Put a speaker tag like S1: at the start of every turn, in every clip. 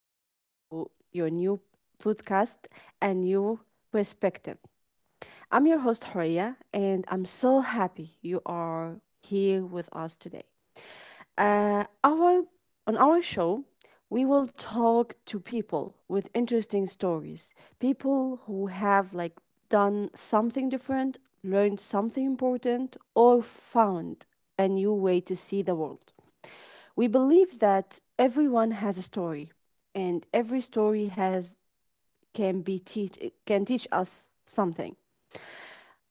S1: back to your new podcast and new perspective. I'm your host, Horia, and I'm so happy you are here with us today. Our on our show, we will talk to people with interesting stories, people who have like done something different, learned something important, or found a new way to see the world. We believe that everyone has a story, and every story has can be teach can teach us something.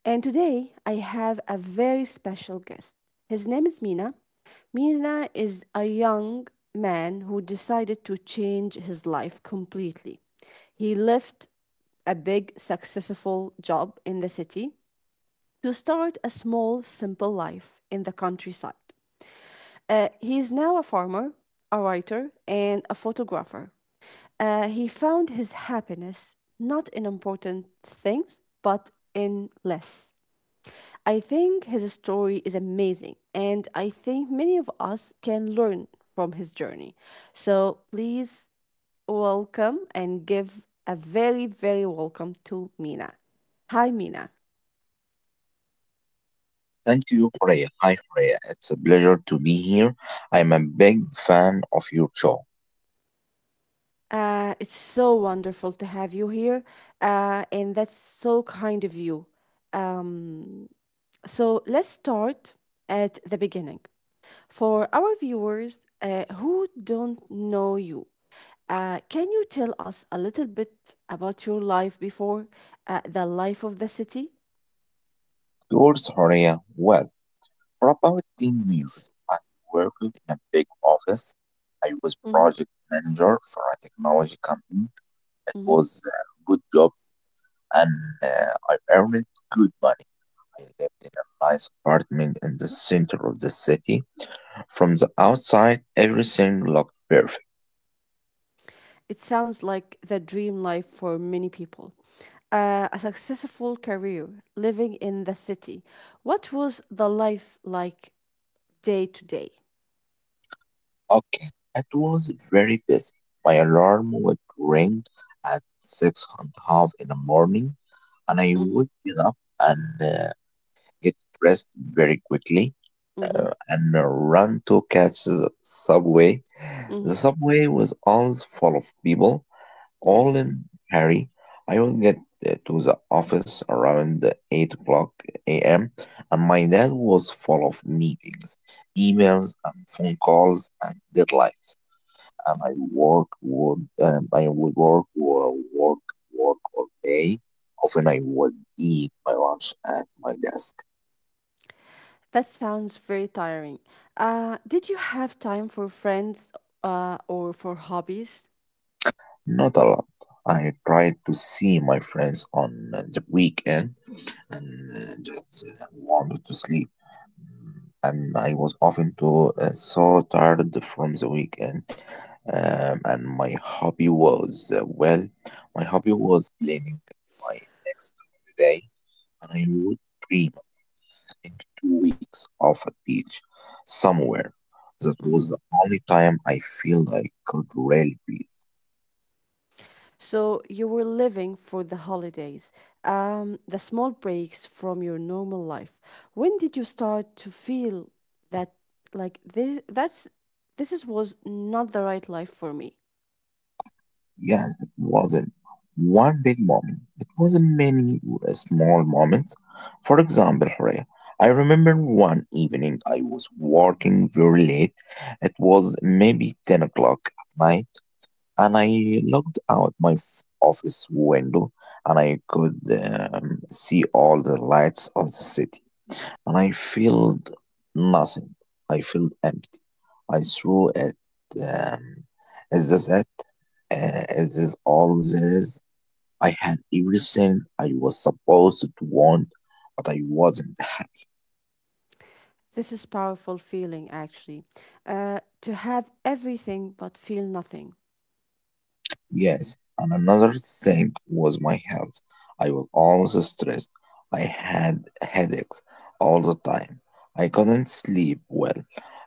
S1: And today I have a very special guest. His name is Mina, Mirna is a young man who decided to change his life completely. He left a big, successful job in the city to start a small, simple life in the countryside. He is now a farmer, a writer, and a photographer. He found his happiness not in important things, but in less. I think his story is amazing, and I think many of us can learn from his journey. So please welcome and give a very, very welcome to Mina. Hi, Mina.
S2: Thank you, Horea. Hi, Horea. It's a pleasure to be here. I'm a big fan of your show.
S1: It's so wonderful to have you here, and that's so kind of you. Um, so let's start at the beginning. For our viewers who don't know you, can you tell us a little bit about your life before the life of the city?
S2: Yours, Horea. Well, for about 10 years, I worked in a big office. I was
S1: hmm
S2: project manager for a technology company. It
S1: hmm
S2: was a good job and I earned good money. I lived in a nice apartment in the center of the city. From the outside, everything looked perfect.
S1: It sounds like the dream life for many people. A successful career living in the city. What was the life like day to day?
S2: Okay, it was very busy. My alarm would ring at six and a half in the morning, and I
S1: Mm-hmm.
S2: would get up and get dressed very quickly
S1: Mm-hmm.
S2: and run to catch the subway. The
S1: Mm-hmm.
S2: subway was always full of people, all
S1: Yes.
S2: in hurry. I would get to the office around 8 o'clock a.m., and my dad was full of meetings, emails, and phone calls and deadlines and I would work all day. Often I would eat my lunch at my desk.
S1: That sounds very tiring. Did you have time for friends or for hobbies?
S2: Not a lot. I tried to see my friends on the weekend and just wanted to sleep. And I was often too so tired from the weekend. And my hobby was my hobby was planning my next holiday, and I would dream think 2 weeks off a beach somewhere. That was the only time I feel I could really breathe.
S1: So you were living for the holidays, the small breaks from your normal life. When did you start to feel that like this that's this is was not the right life for me?
S2: Yes, it wasn't one big moment. It was many small moments. For example, Horea, I remember one evening I was working very late. It was maybe 10 o'clock at night, and I looked out my office window and I could see all the lights of the city, and I felt nothing. I felt empty. I threw at um, as this said, uh, as is this all there is. I had everything I was supposed to want, but I wasn't.
S1: This is powerful feeling actually. To have everything but feel nothing.
S2: Yes, and another thing was my health. I was always stressed. I had headaches all the time. I couldn't sleep well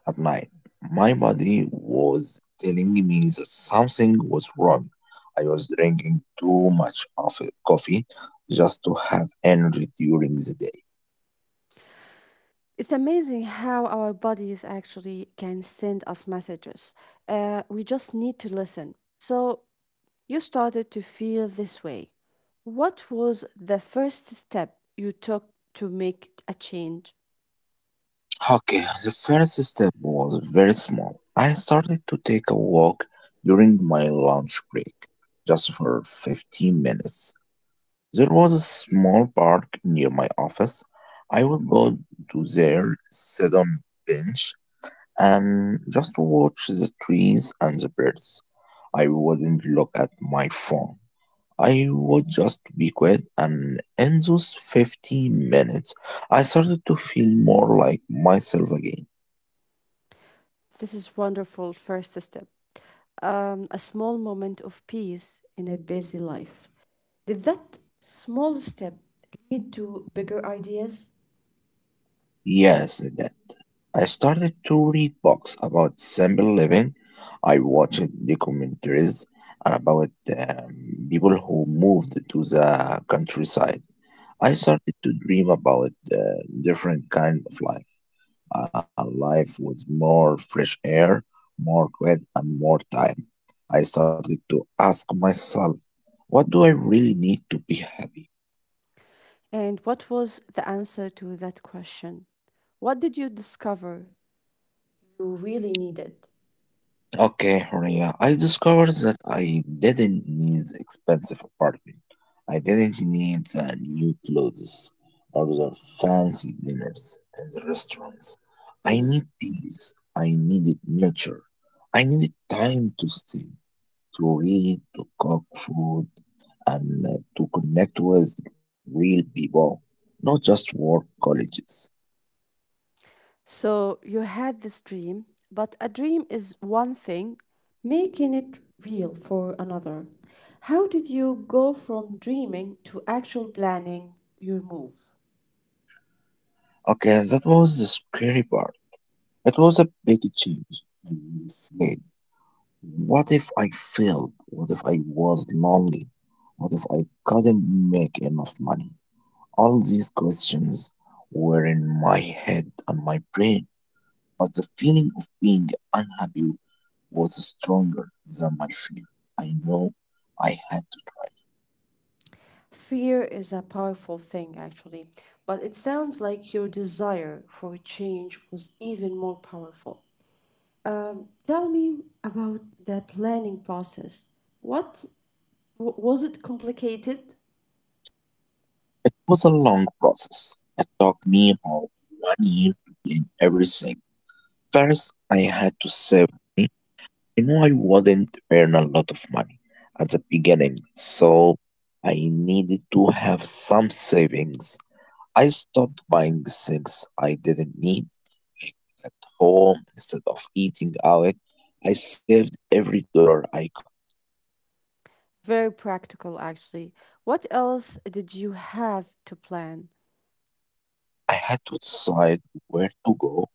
S2: at night. My body was telling me that something was wrong. I was drinking too much coffee just to have energy during the day.
S1: It's amazing how our bodies actually can send us messages. We just need to listen. So you started to feel this way. What was the first step you took to make a change?
S2: Okay, the first step was very small. I started to take a walk during my lunch break, just for 15 minutes. There was a small park near my office. I would go to there, sit on bench, and just watch the trees and the birds. I wouldn't look at my phone. I would just be quiet, and in those 15 minutes, I started to feel more like myself again.
S1: This is wonderful first step. A small moment of peace in a busy life. Did that small step lead to bigger ideas?
S2: Yes, that I started to read books about simple living. I watched documentaries and about people who moved to the countryside. I started to dream about different kind of life, life with more fresh air, more quiet, and more time. I started to ask myself, what do I really need to be happy?
S1: And what was the answer to that question? What did you discover you really needed?
S2: Okay, Horia, I discovered that I didn't need expensive apartment. I didn't need the new clothes or the fancy dinners and the restaurants. I
S1: Mhm.
S2: need peace. I needed nature. I needed time to think, to read, to cook food, and to connect with real people, not just work colleges.
S1: So you had this dream, but a dream is one thing, making it real for another. How did you go from dreaming to actual planning your move?
S2: Okay, that was the scary part. It was a big change. I reflected. What if I failed? What if I was lonely? What if I couldn't make enough money? All these questions were in my head and my brain, but the feeling of being unhappy was stronger than my fear. I know I had to try.
S1: Fear is a powerful thing, actually, but it sounds like your desire for change was even more powerful. Tell me about the planning process. What was it complicated?
S2: It was a long process. It took me about one year to clean everything. First, I had to save money. You know I wouldn't earn a lot of money at the beginning, so I needed to have some savings. I stopped buying things I didn't need, like at home instead of eating out. I saved every dollar I got.
S1: Very practical, actually. What else did you have to plan?
S2: I had to decide where to go.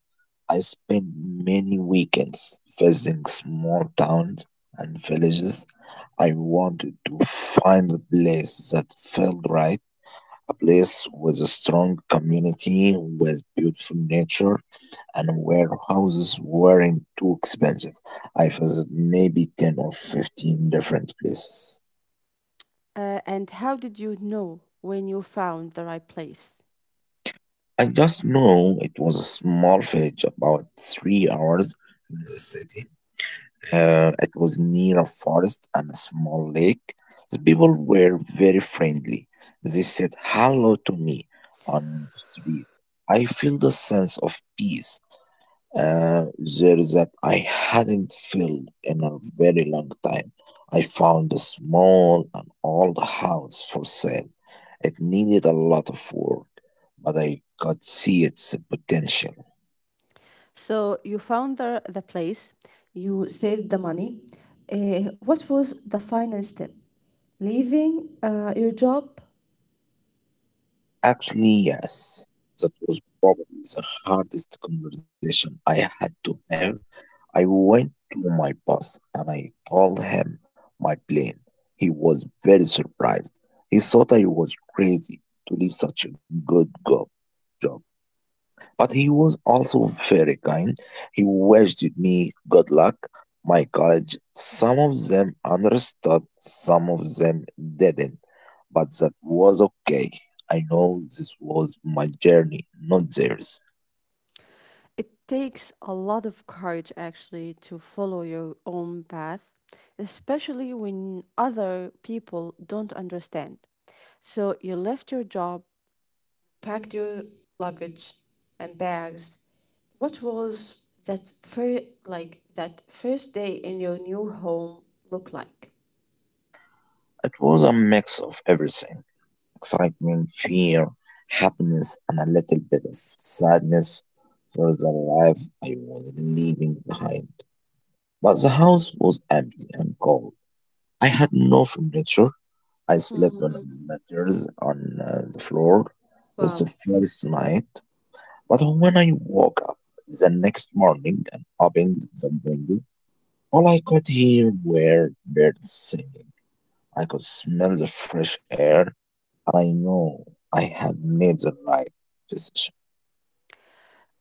S2: I spent many weekends visiting small towns and villages. I wanted to find a place that felt right, a place with a strong community, with beautiful nature, and where houses weren't too expensive. I visited maybe 10 or 15 different places.
S1: And how did you know when you found the right place?
S2: I just know it was a small village about 3 hours from the city. It was near a forest and a small lake. The people were very friendly. They said hello to me on the street. I felt a sense of peace uh, there that I hadn't felt in a very long time. I found a small and old house for sale. It needed a lot of work, but I could see its potential.
S1: So, you found the place, you saved the money. What was the final step? Leaving your job?
S2: Actually, yes, that was probably the hardest conversation I had to have. I went to my boss and I told him my plan. He was very surprised. He thought I was crazy to leave such a job. But he was also very kind. He wished me good luck. My college, some of them understood, some of them didn't. But that was okay. I know this was my journey, not theirs.
S1: It takes a lot of courage, actually, to follow your own path, especially when other people don't understand. So you left your job, packed your luggage and bags. What was that first day in your new home look like?
S2: It was a mix of everything: excitement, fear, happiness, and a little bit of sadness for the life I was leaving behind. But the house was empty and cold. I had no furniture. I slept on a
S1: Mhm.
S2: mattress on the floor. That's the
S1: Wow.
S2: first night. But when I woke up the next morning and opened the window, all I could hear were birds singing. I could smell the fresh air. I know I had made the right decision.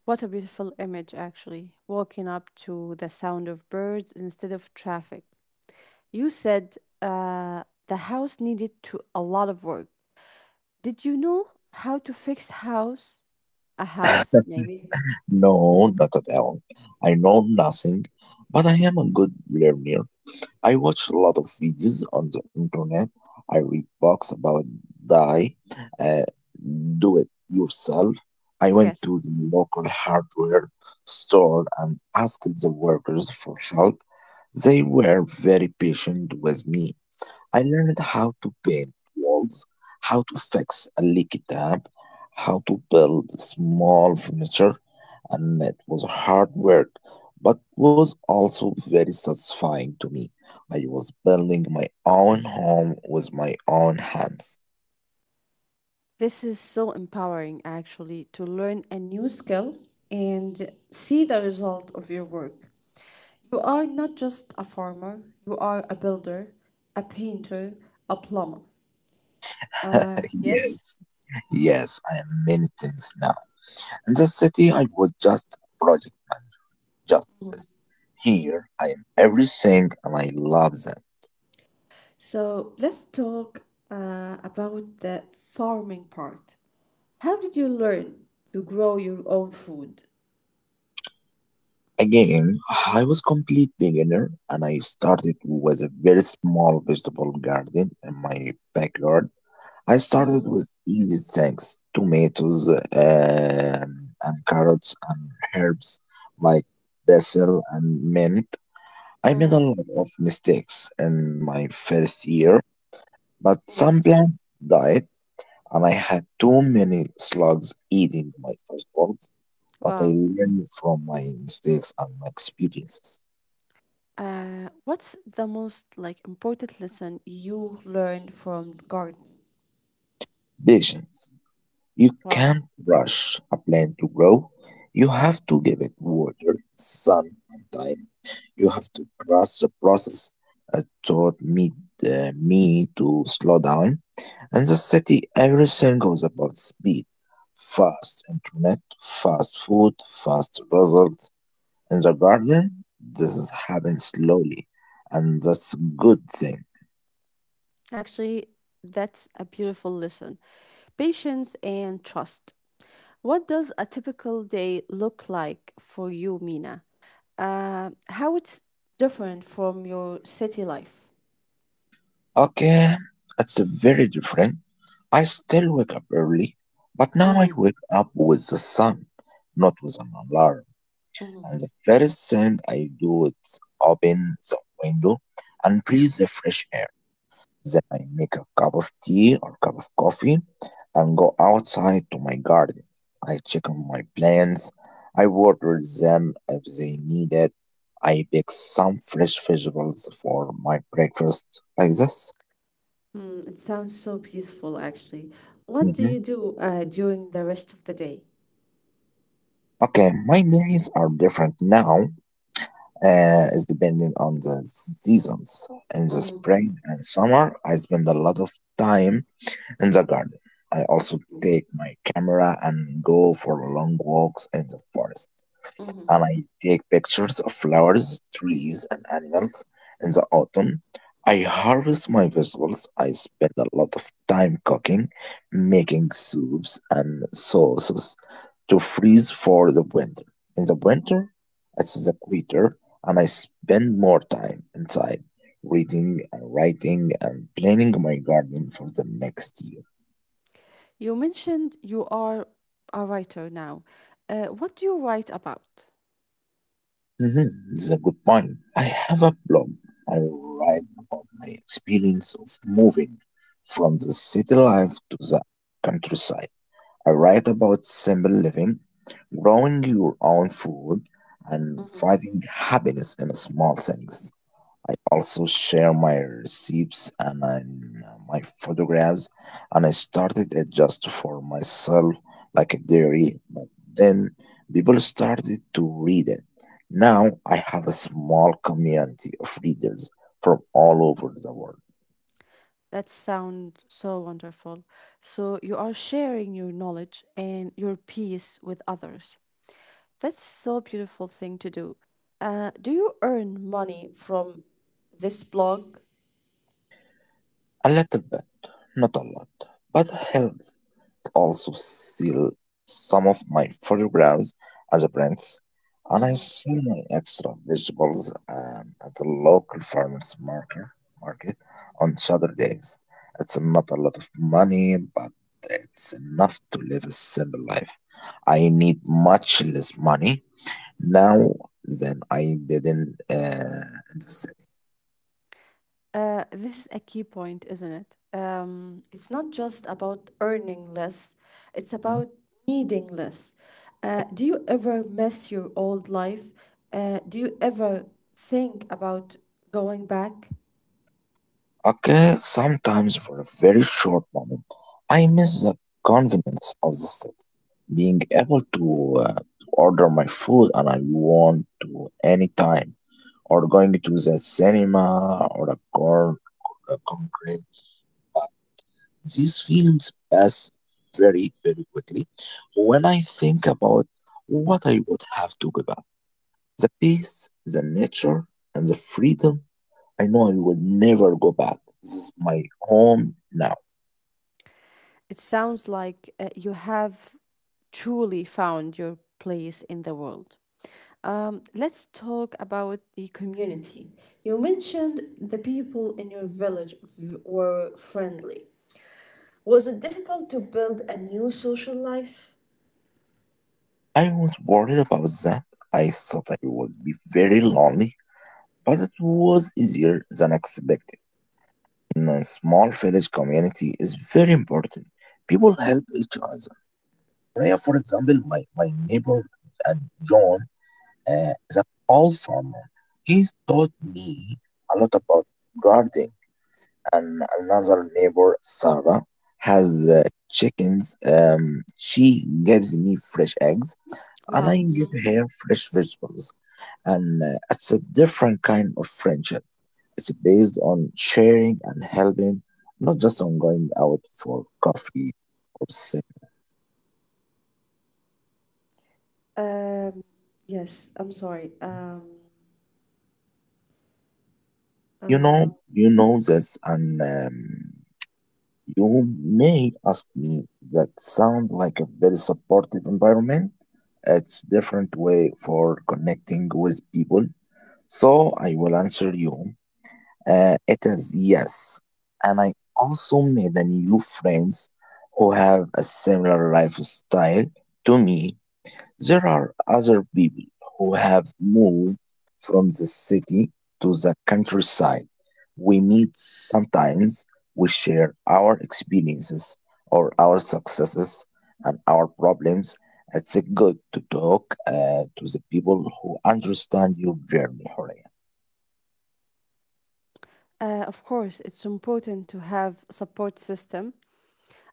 S1: What a beautiful image, actually. Walking up to the sound of birds instead of traffic. You said the house needed to a lot of work. Did you know how to fix house? A house, maybe?
S2: No, not at all. I know nothing, but I am a good learner. I watch a lot of videos on the internet. I read books about die, uh, do it yourself. I went
S1: Yes.
S2: to the local hardware store and asked the workers for help. They were very patient with me. I learned how to build walls, how to fix a leaky tap, how to build small furniture, and it was hard work, but was also very satisfying to me. I was building my own home with my own hands.
S1: This is so empowering, actually, to learn a new skill and see the result of your work. You are not just a farmer, you are a builder, a painter, a plumber. Yes?
S2: Yes, yes, I am many things now. In the city, I was just a project manager, just this. Here, I am everything, and I love that.
S1: So let's talk about the farming part. How did you learn to grow your own food?
S2: Again, I was complete beginner and I started with a very small vegetable garden in my backyard. I started
S1: Mhm.
S2: with easy things: tomatoes um, and carrots and herbs like basil and mint. I made
S1: Mm,
S2: a lot of mistakes in my first year, but some
S1: yes.
S2: plants died and I had too many slugs eating my vegetables, but I
S1: Wow.
S2: learned from my mistakes and my experiences.
S1: What's the most like important lesson you learned from gardening?
S2: Patience. You
S1: Wow.
S2: can't rush a plant to grow. You have to give it water, sun, and time. You have to trust the process. It taught me to slow down. In the city, everything goes about speed. Fast internet, fast food, fast results. In the garden, this is happening slowly, and that's a good thing.
S1: Actually, that's a beautiful lesson. Patience and trust. What does a typical day look like for you, Mina? How it's different from your city life?
S2: Okay, it's very different. I still wake up early, but now I
S1: Mm-hmm.
S2: wake up with the sun, not with an alarm.
S1: Mm-hmm.
S2: And the first thing I do is open the window and breathe the fresh air. Then I make a cup of tea or cup of coffee and go outside to my garden. I check on my plants. I water them if they need it. I pick some fresh vegetables for my breakfast like this.
S1: Mm, it sounds so peaceful, actually. What do
S2: Mm-hmm.
S1: you do during the rest of the day?
S2: Okay, my days are different now. It's depending on the seasons. In the
S1: Mm-hmm.
S2: spring and summer, I spend a lot of time in the garden. I also take my camera and go for long walks in the forest
S1: Mm-hmm.
S2: and I take pictures of flowers, trees, and animals. In the autumn, I harvest my vegetables. I spend a lot of time cooking, making soups and sauces to freeze for the winter. In the winter, it's the quieter, and I spend more time inside, reading and writing and planning my garden for the next year.
S1: You mentioned you are a writer now. What do you write about?
S2: Mhm. This a good point. I have a blog. I write about my experience of moving from the city life to the countryside. I write about simple living, growing your own food, and finding happiness in small things. I also share my receipts and I my photographs, and I started it just for myself, like a diary. But then people started to read it. Now I have a small community of readers from all over the world.
S1: That sounds so wonderful. So you are sharing your knowledge and your peace with others. That's so beautiful thing to do. Do you earn money from this blog?
S2: A little bit, not a lot, but helps. Also sell some of my photographs as a prints, and I
S1: Mhm.
S2: sell my extra vegetables at the local market on Saturdays. It's not a lot of money, but it's enough to live a simple life. I need much less money now than I did in the city.
S1: This is a key point, isn't it? It's not just about earning less, it's about needing less. Do you ever miss your old life? Do you ever think about going back?
S2: Okay, sometimes for a very short moment, I miss the convenience of the city. Being able to order my food and I want to anytime, or going to the cinema or a car, a concrete. These feelings pass very, very quickly when I think about what I would have to give up. The peace, the nature, and the freedom. I know I will never go back. This is my home now.
S1: It sounds like you have truly found your place in the world. Let's talk about the community. You mentioned the people in your village were friendly. Was it difficult to build a new social life?
S2: I was worried about that. I thought I would be very lonely, but it was easier than expected. In a small village, community is very important. People help each other. Raya, for example, my neighbor and John is an old farmer. He taught me a lot about gardening. And another neighbor, Sarah, has chickens. She gives me fresh eggs, and I
S1: Wow.
S2: give
S1: Mhm.
S2: her fresh vegetables. And it's a different kind of friendship. It's based on sharing and helping, not just on going out for coffee or sex.
S1: Um, yes, I'm sorry.
S2: You know,
S1: Um,
S2: you know this, and You may ask me that sound like a very supportive environment. It's different way for connecting with people. So I will answer you. It is, yes. And I also made a new friends who have a similar lifestyle to me. There are other people who have moved from the city to the countryside. We meet sometimes, we share our experiences or our successes and our problems. It's good to talk to the people who understand your journey, Horia.
S1: of course, it's important to have support system.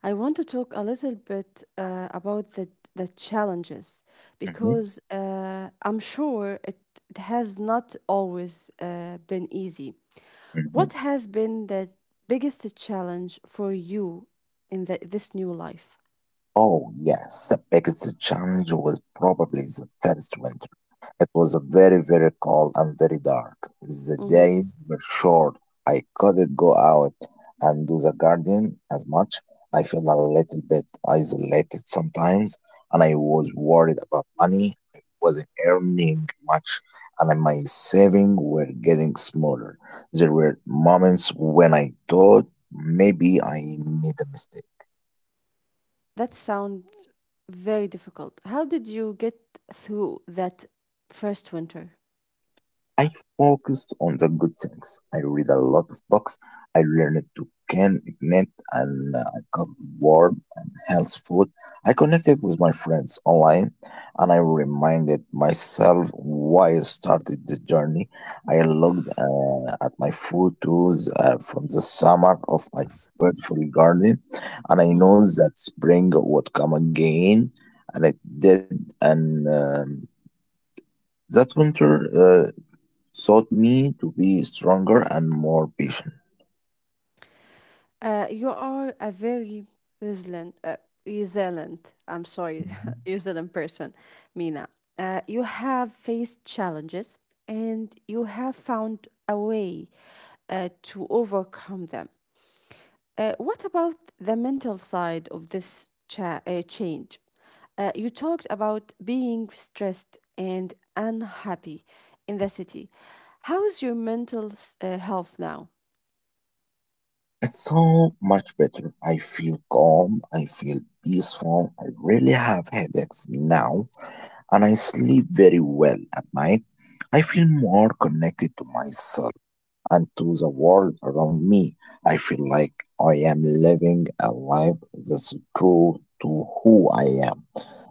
S1: I want to talk a little bit about the challenges
S2: Mhm,
S1: because I'm sure it has not always been easy.
S2: mhm.
S1: What has been the biggest challenge for you in this new life?
S2: Oh, yes, because the biggest challenge was probably the first winter. It was very, very cold and very dark. The
S1: hmm
S2: days were short. I couldn't go out and do the garden as much. I felt a little bit isolated sometimes, and I was worried about money. I wasn't earning much, and my savings were getting smaller. There were moments when I thought maybe I made a mistake.
S1: That sounds very difficult. How did you get through that first winter?
S2: I focused on the good things. I read a lot of books. I learned to can ignite and I got warm and healthy food. I connected with my friends online and I reminded myself why I started the journey. I looked at my photos from the summer of my beautiful garden and I know that spring would come again and it did and that winter taught me to be stronger and more patient.
S1: You are a very resilient, uh, resilient. I'm sorry, resilient person, Mina. You have faced challenges and you have found a way to overcome them. What about the mental side of this change? You talked about being stressed and unhappy in the city. How's your mental health now?
S2: It's so much better. I feel calm, I feel peaceful, I really have headaches now, and I sleep very well at night. I feel more connected to myself and to the world around me. I feel like I am living a life that's true to who I am.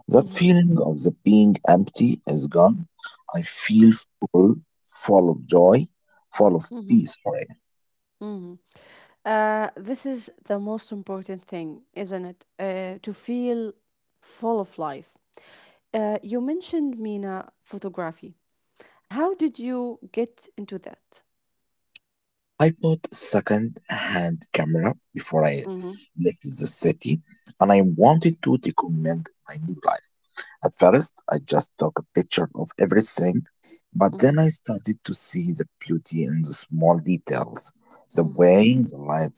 S2: That
S1: Mhm.
S2: feeling of the being empty is gone. I feel full, full of joy, full of peace. Sorry.
S1: Mhm. This is the most important thing, isn't it? To feel full of life. You mentioned Mina photography. How did you get into that?
S2: I bought a second-hand camera before I
S1: Mm-hmm,
S2: left the city, and I wanted to document my new life. At first, I just took a picture of everything, but
S1: mm-hmm,
S2: then I started to see the beauty in the small details, the
S1: mm-hmm,
S2: way the light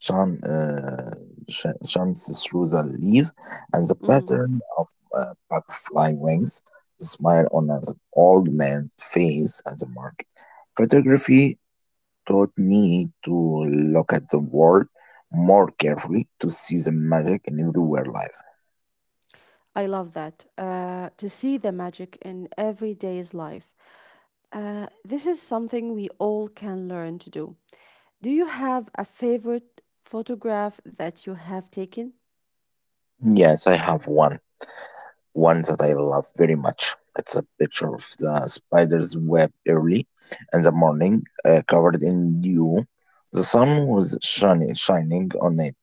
S2: shone, shines through the leaf, and the
S1: mm-hmm.
S2: pattern of butterfly wings, the smile on an old man's face at the market. Photography taught me to look at the world more carefully to see the magic in everywhere life.
S1: I love that. To see the magic in everyday's life. This is something we all can learn to do. Do you have a favorite photograph that you have taken?
S2: Yes, I have one. One that I love very much. It's a picture of the spider's web early in the morning, covered in dew. The sun was shining on it,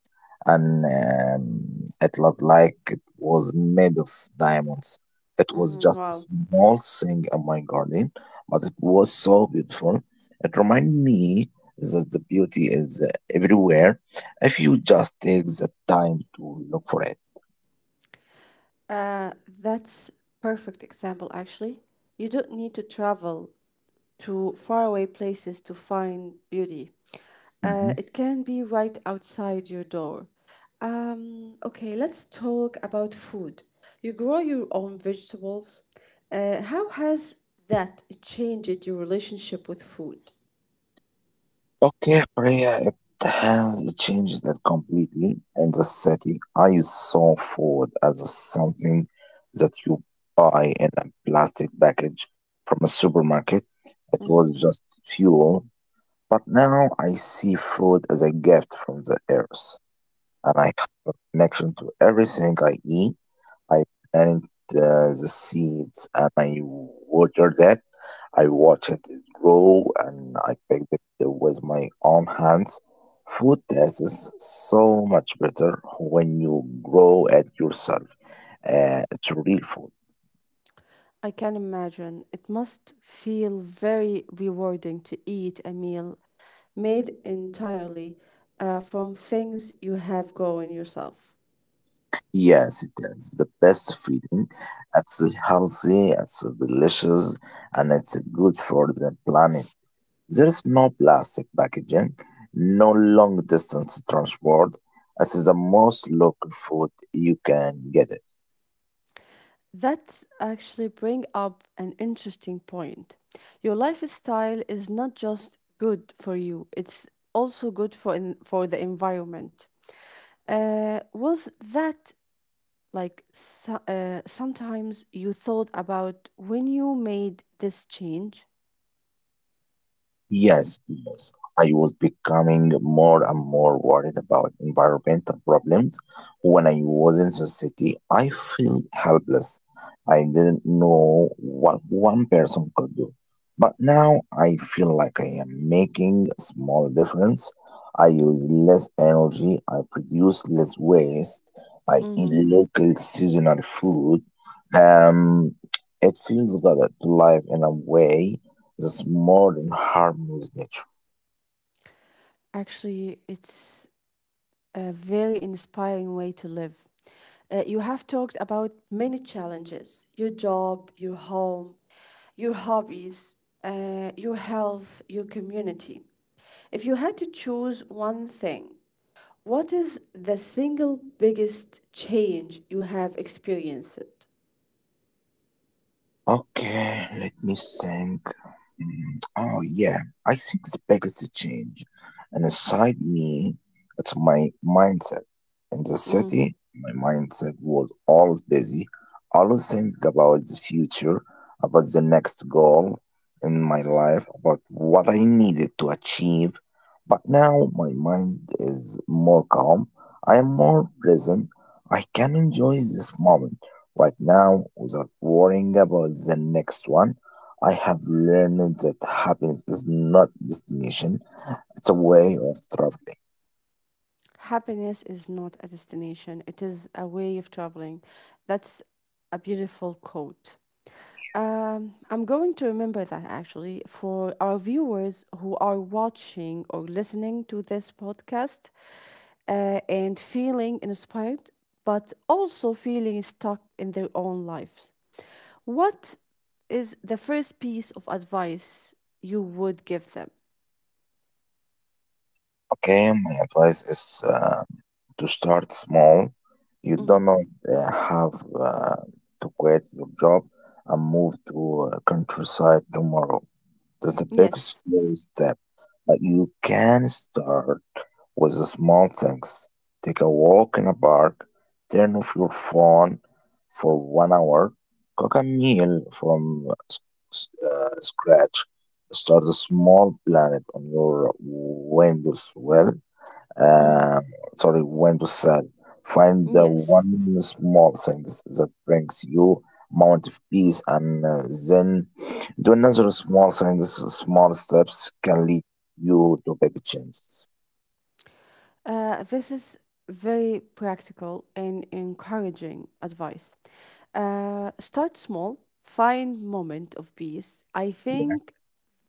S2: and it looked like it was made of diamonds. It was
S1: Mhm.
S2: just a
S1: Wow.
S2: small thing in my garden, but it was so beautiful. It reminded me that the beauty is everywhere if you just take the time to look for it.
S1: Uh, that's perfect example actually. You don't need to travel to faraway places to find beauty. It can be right outside your door. Okay, let's talk about food. You grow your own vegetables. How has that changed your relationship with food?
S2: Okay, Priya, it has changed it completely. In the city, I saw food as something that you buy in a plastic package from a supermarket. It was just fuel. But now I see food as a gift from the earth, and I have a connection to everything I eat. I plant the seeds and I water that. I watch it grow and I pick it with my own hands. Food tastes so much better when you grow it yourself. It's real food.
S1: I can imagine. It must feel very rewarding to eat a meal made entirely from things you have grown yourself.
S2: Yes, it is the best feeding. It's healthy, it's delicious, and it's good for the planet. There is no plastic packaging, no long distance transport. It is the most local food you can get.
S1: That's actually bring up an interesting point. Your lifestyle is not just good for you; it's also good for for the environment. Was that sometimes you thought about when you made this change?
S2: Yes, yes. I was becoming more and more worried about environmental problems. When I was in the city, I felt helpless. I didn't know what one person could do. But now I feel like I am making a small difference. I use less energy, I produce less waste, I eat local seasonal food. Um, it feels good to live in a way this is more than harmless nature.
S1: Actually, it's a very inspiring way to live. You have talked about many challenges your job, your home, your hobbies, your health, your community. If you had to choose one thing, what is the single biggest change you have experienced?
S2: Okay, let me think. Mm. Oh yeah, I think the biggest change and inside me, it's my mindset. In the city, my mindset was always busy, always think about the future, about the next goal in my life, about what I needed to achieve. But now my mind is more calm. I am more present. I can enjoy this moment. Right now, without worrying about the next one, I have learned that happiness is not destination, it's a way of traveling.
S1: Happiness is not a destination, it is a way of traveling. That's a beautiful quote. I'm going to remember that actually for our viewers who are watching or listening to this podcast and feeling inspired, but also feeling stuck in their own lives. What is the first piece of advice you would give them?
S2: Okay, my advice is to start small. You
S1: Mhm.
S2: don't have to quit your job and move to countryside tomorrow. That's a big
S1: Yes.
S2: scary step, but you can start with the small things. Take a walk in a park, turn off your phone for 1 hour, cook a meal from scratch, start a small planet on your Windows well,
S1: Mhm.
S2: um, sorry, when to sell. Find the
S1: Yes.
S2: one small things that brings you amount of peace, and then do another small things. Small steps can lead you to big changes.
S1: This is very practical and encouraging advice. Start small, find moment of peace. I think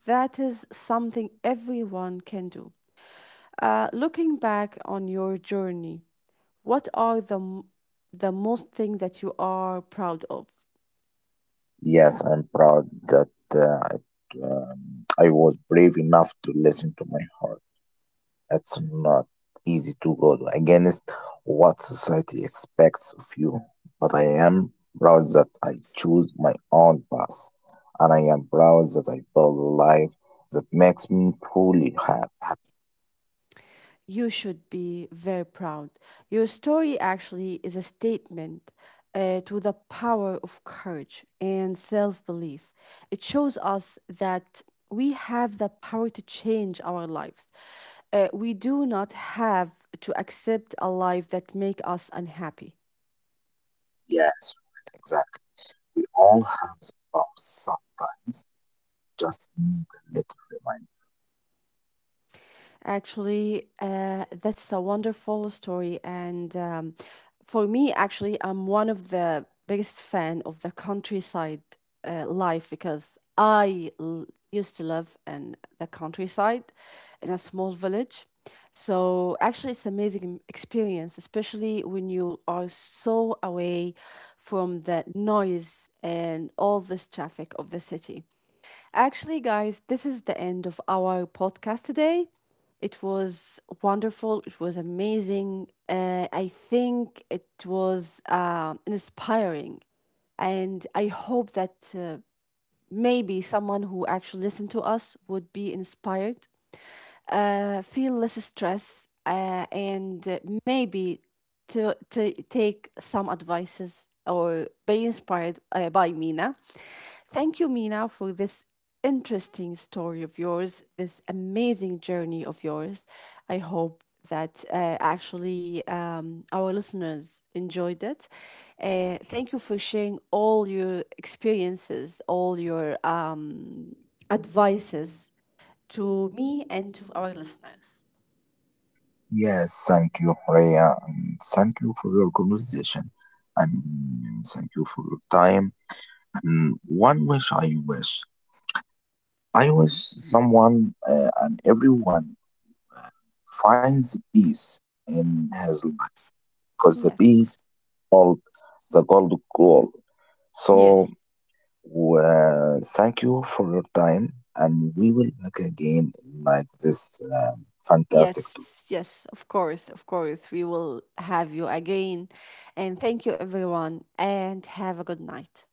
S1: that is something everyone can do. Looking back on your journey, what are the most thing that you are proud of?
S2: Yes, I'm proud that uh, I, I was brave enough to listen to my heart. It's not easy to go against what society expects of you, but I am proud that I choose my own path, and I am proud that I build a life that makes me truly happy.
S1: You should be very proud. Your story actually is a statement to the power of courage and self belief. It shows us that we have the power to change our lives. We do not have to accept a life that make us unhappy.
S2: Yes, exactly. We all have the problems sometimes. Just need a little reminder.
S1: Actually, that's a wonderful story, and for me, actually, I'm one of the biggest fan of the countryside life because used to live in the countryside in a small village. So actually, it's amazing experience, especially when you are so away from the noise and all this traffic of the city. Actually, guys, this is the end of our podcast today. It was wonderful. It was amazing. I think it was inspiring. And I hope that maybe someone who actually listened to us would be inspired feel less stress, and maybe to take some advices or be inspired by Mina. Thank you, Mina, for this interesting story of yours, this amazing journey of yours. I hope that actually our listeners enjoyed it. Thank you for sharing all your experiences, all your advices to me and to our listeners.
S2: Yes, thank you, Rhea, and thank you for your conversation, and thank you for your time. And one wish I wish someone and everyone finds peace in his life because the peace
S1: Yes,
S2: called the gold goal. So,
S1: yes,
S2: thank you for your time, and we will back again in like this fantastic
S1: yes, yes, of course, of course. We will have you again. And thank you, everyone, and have a good night.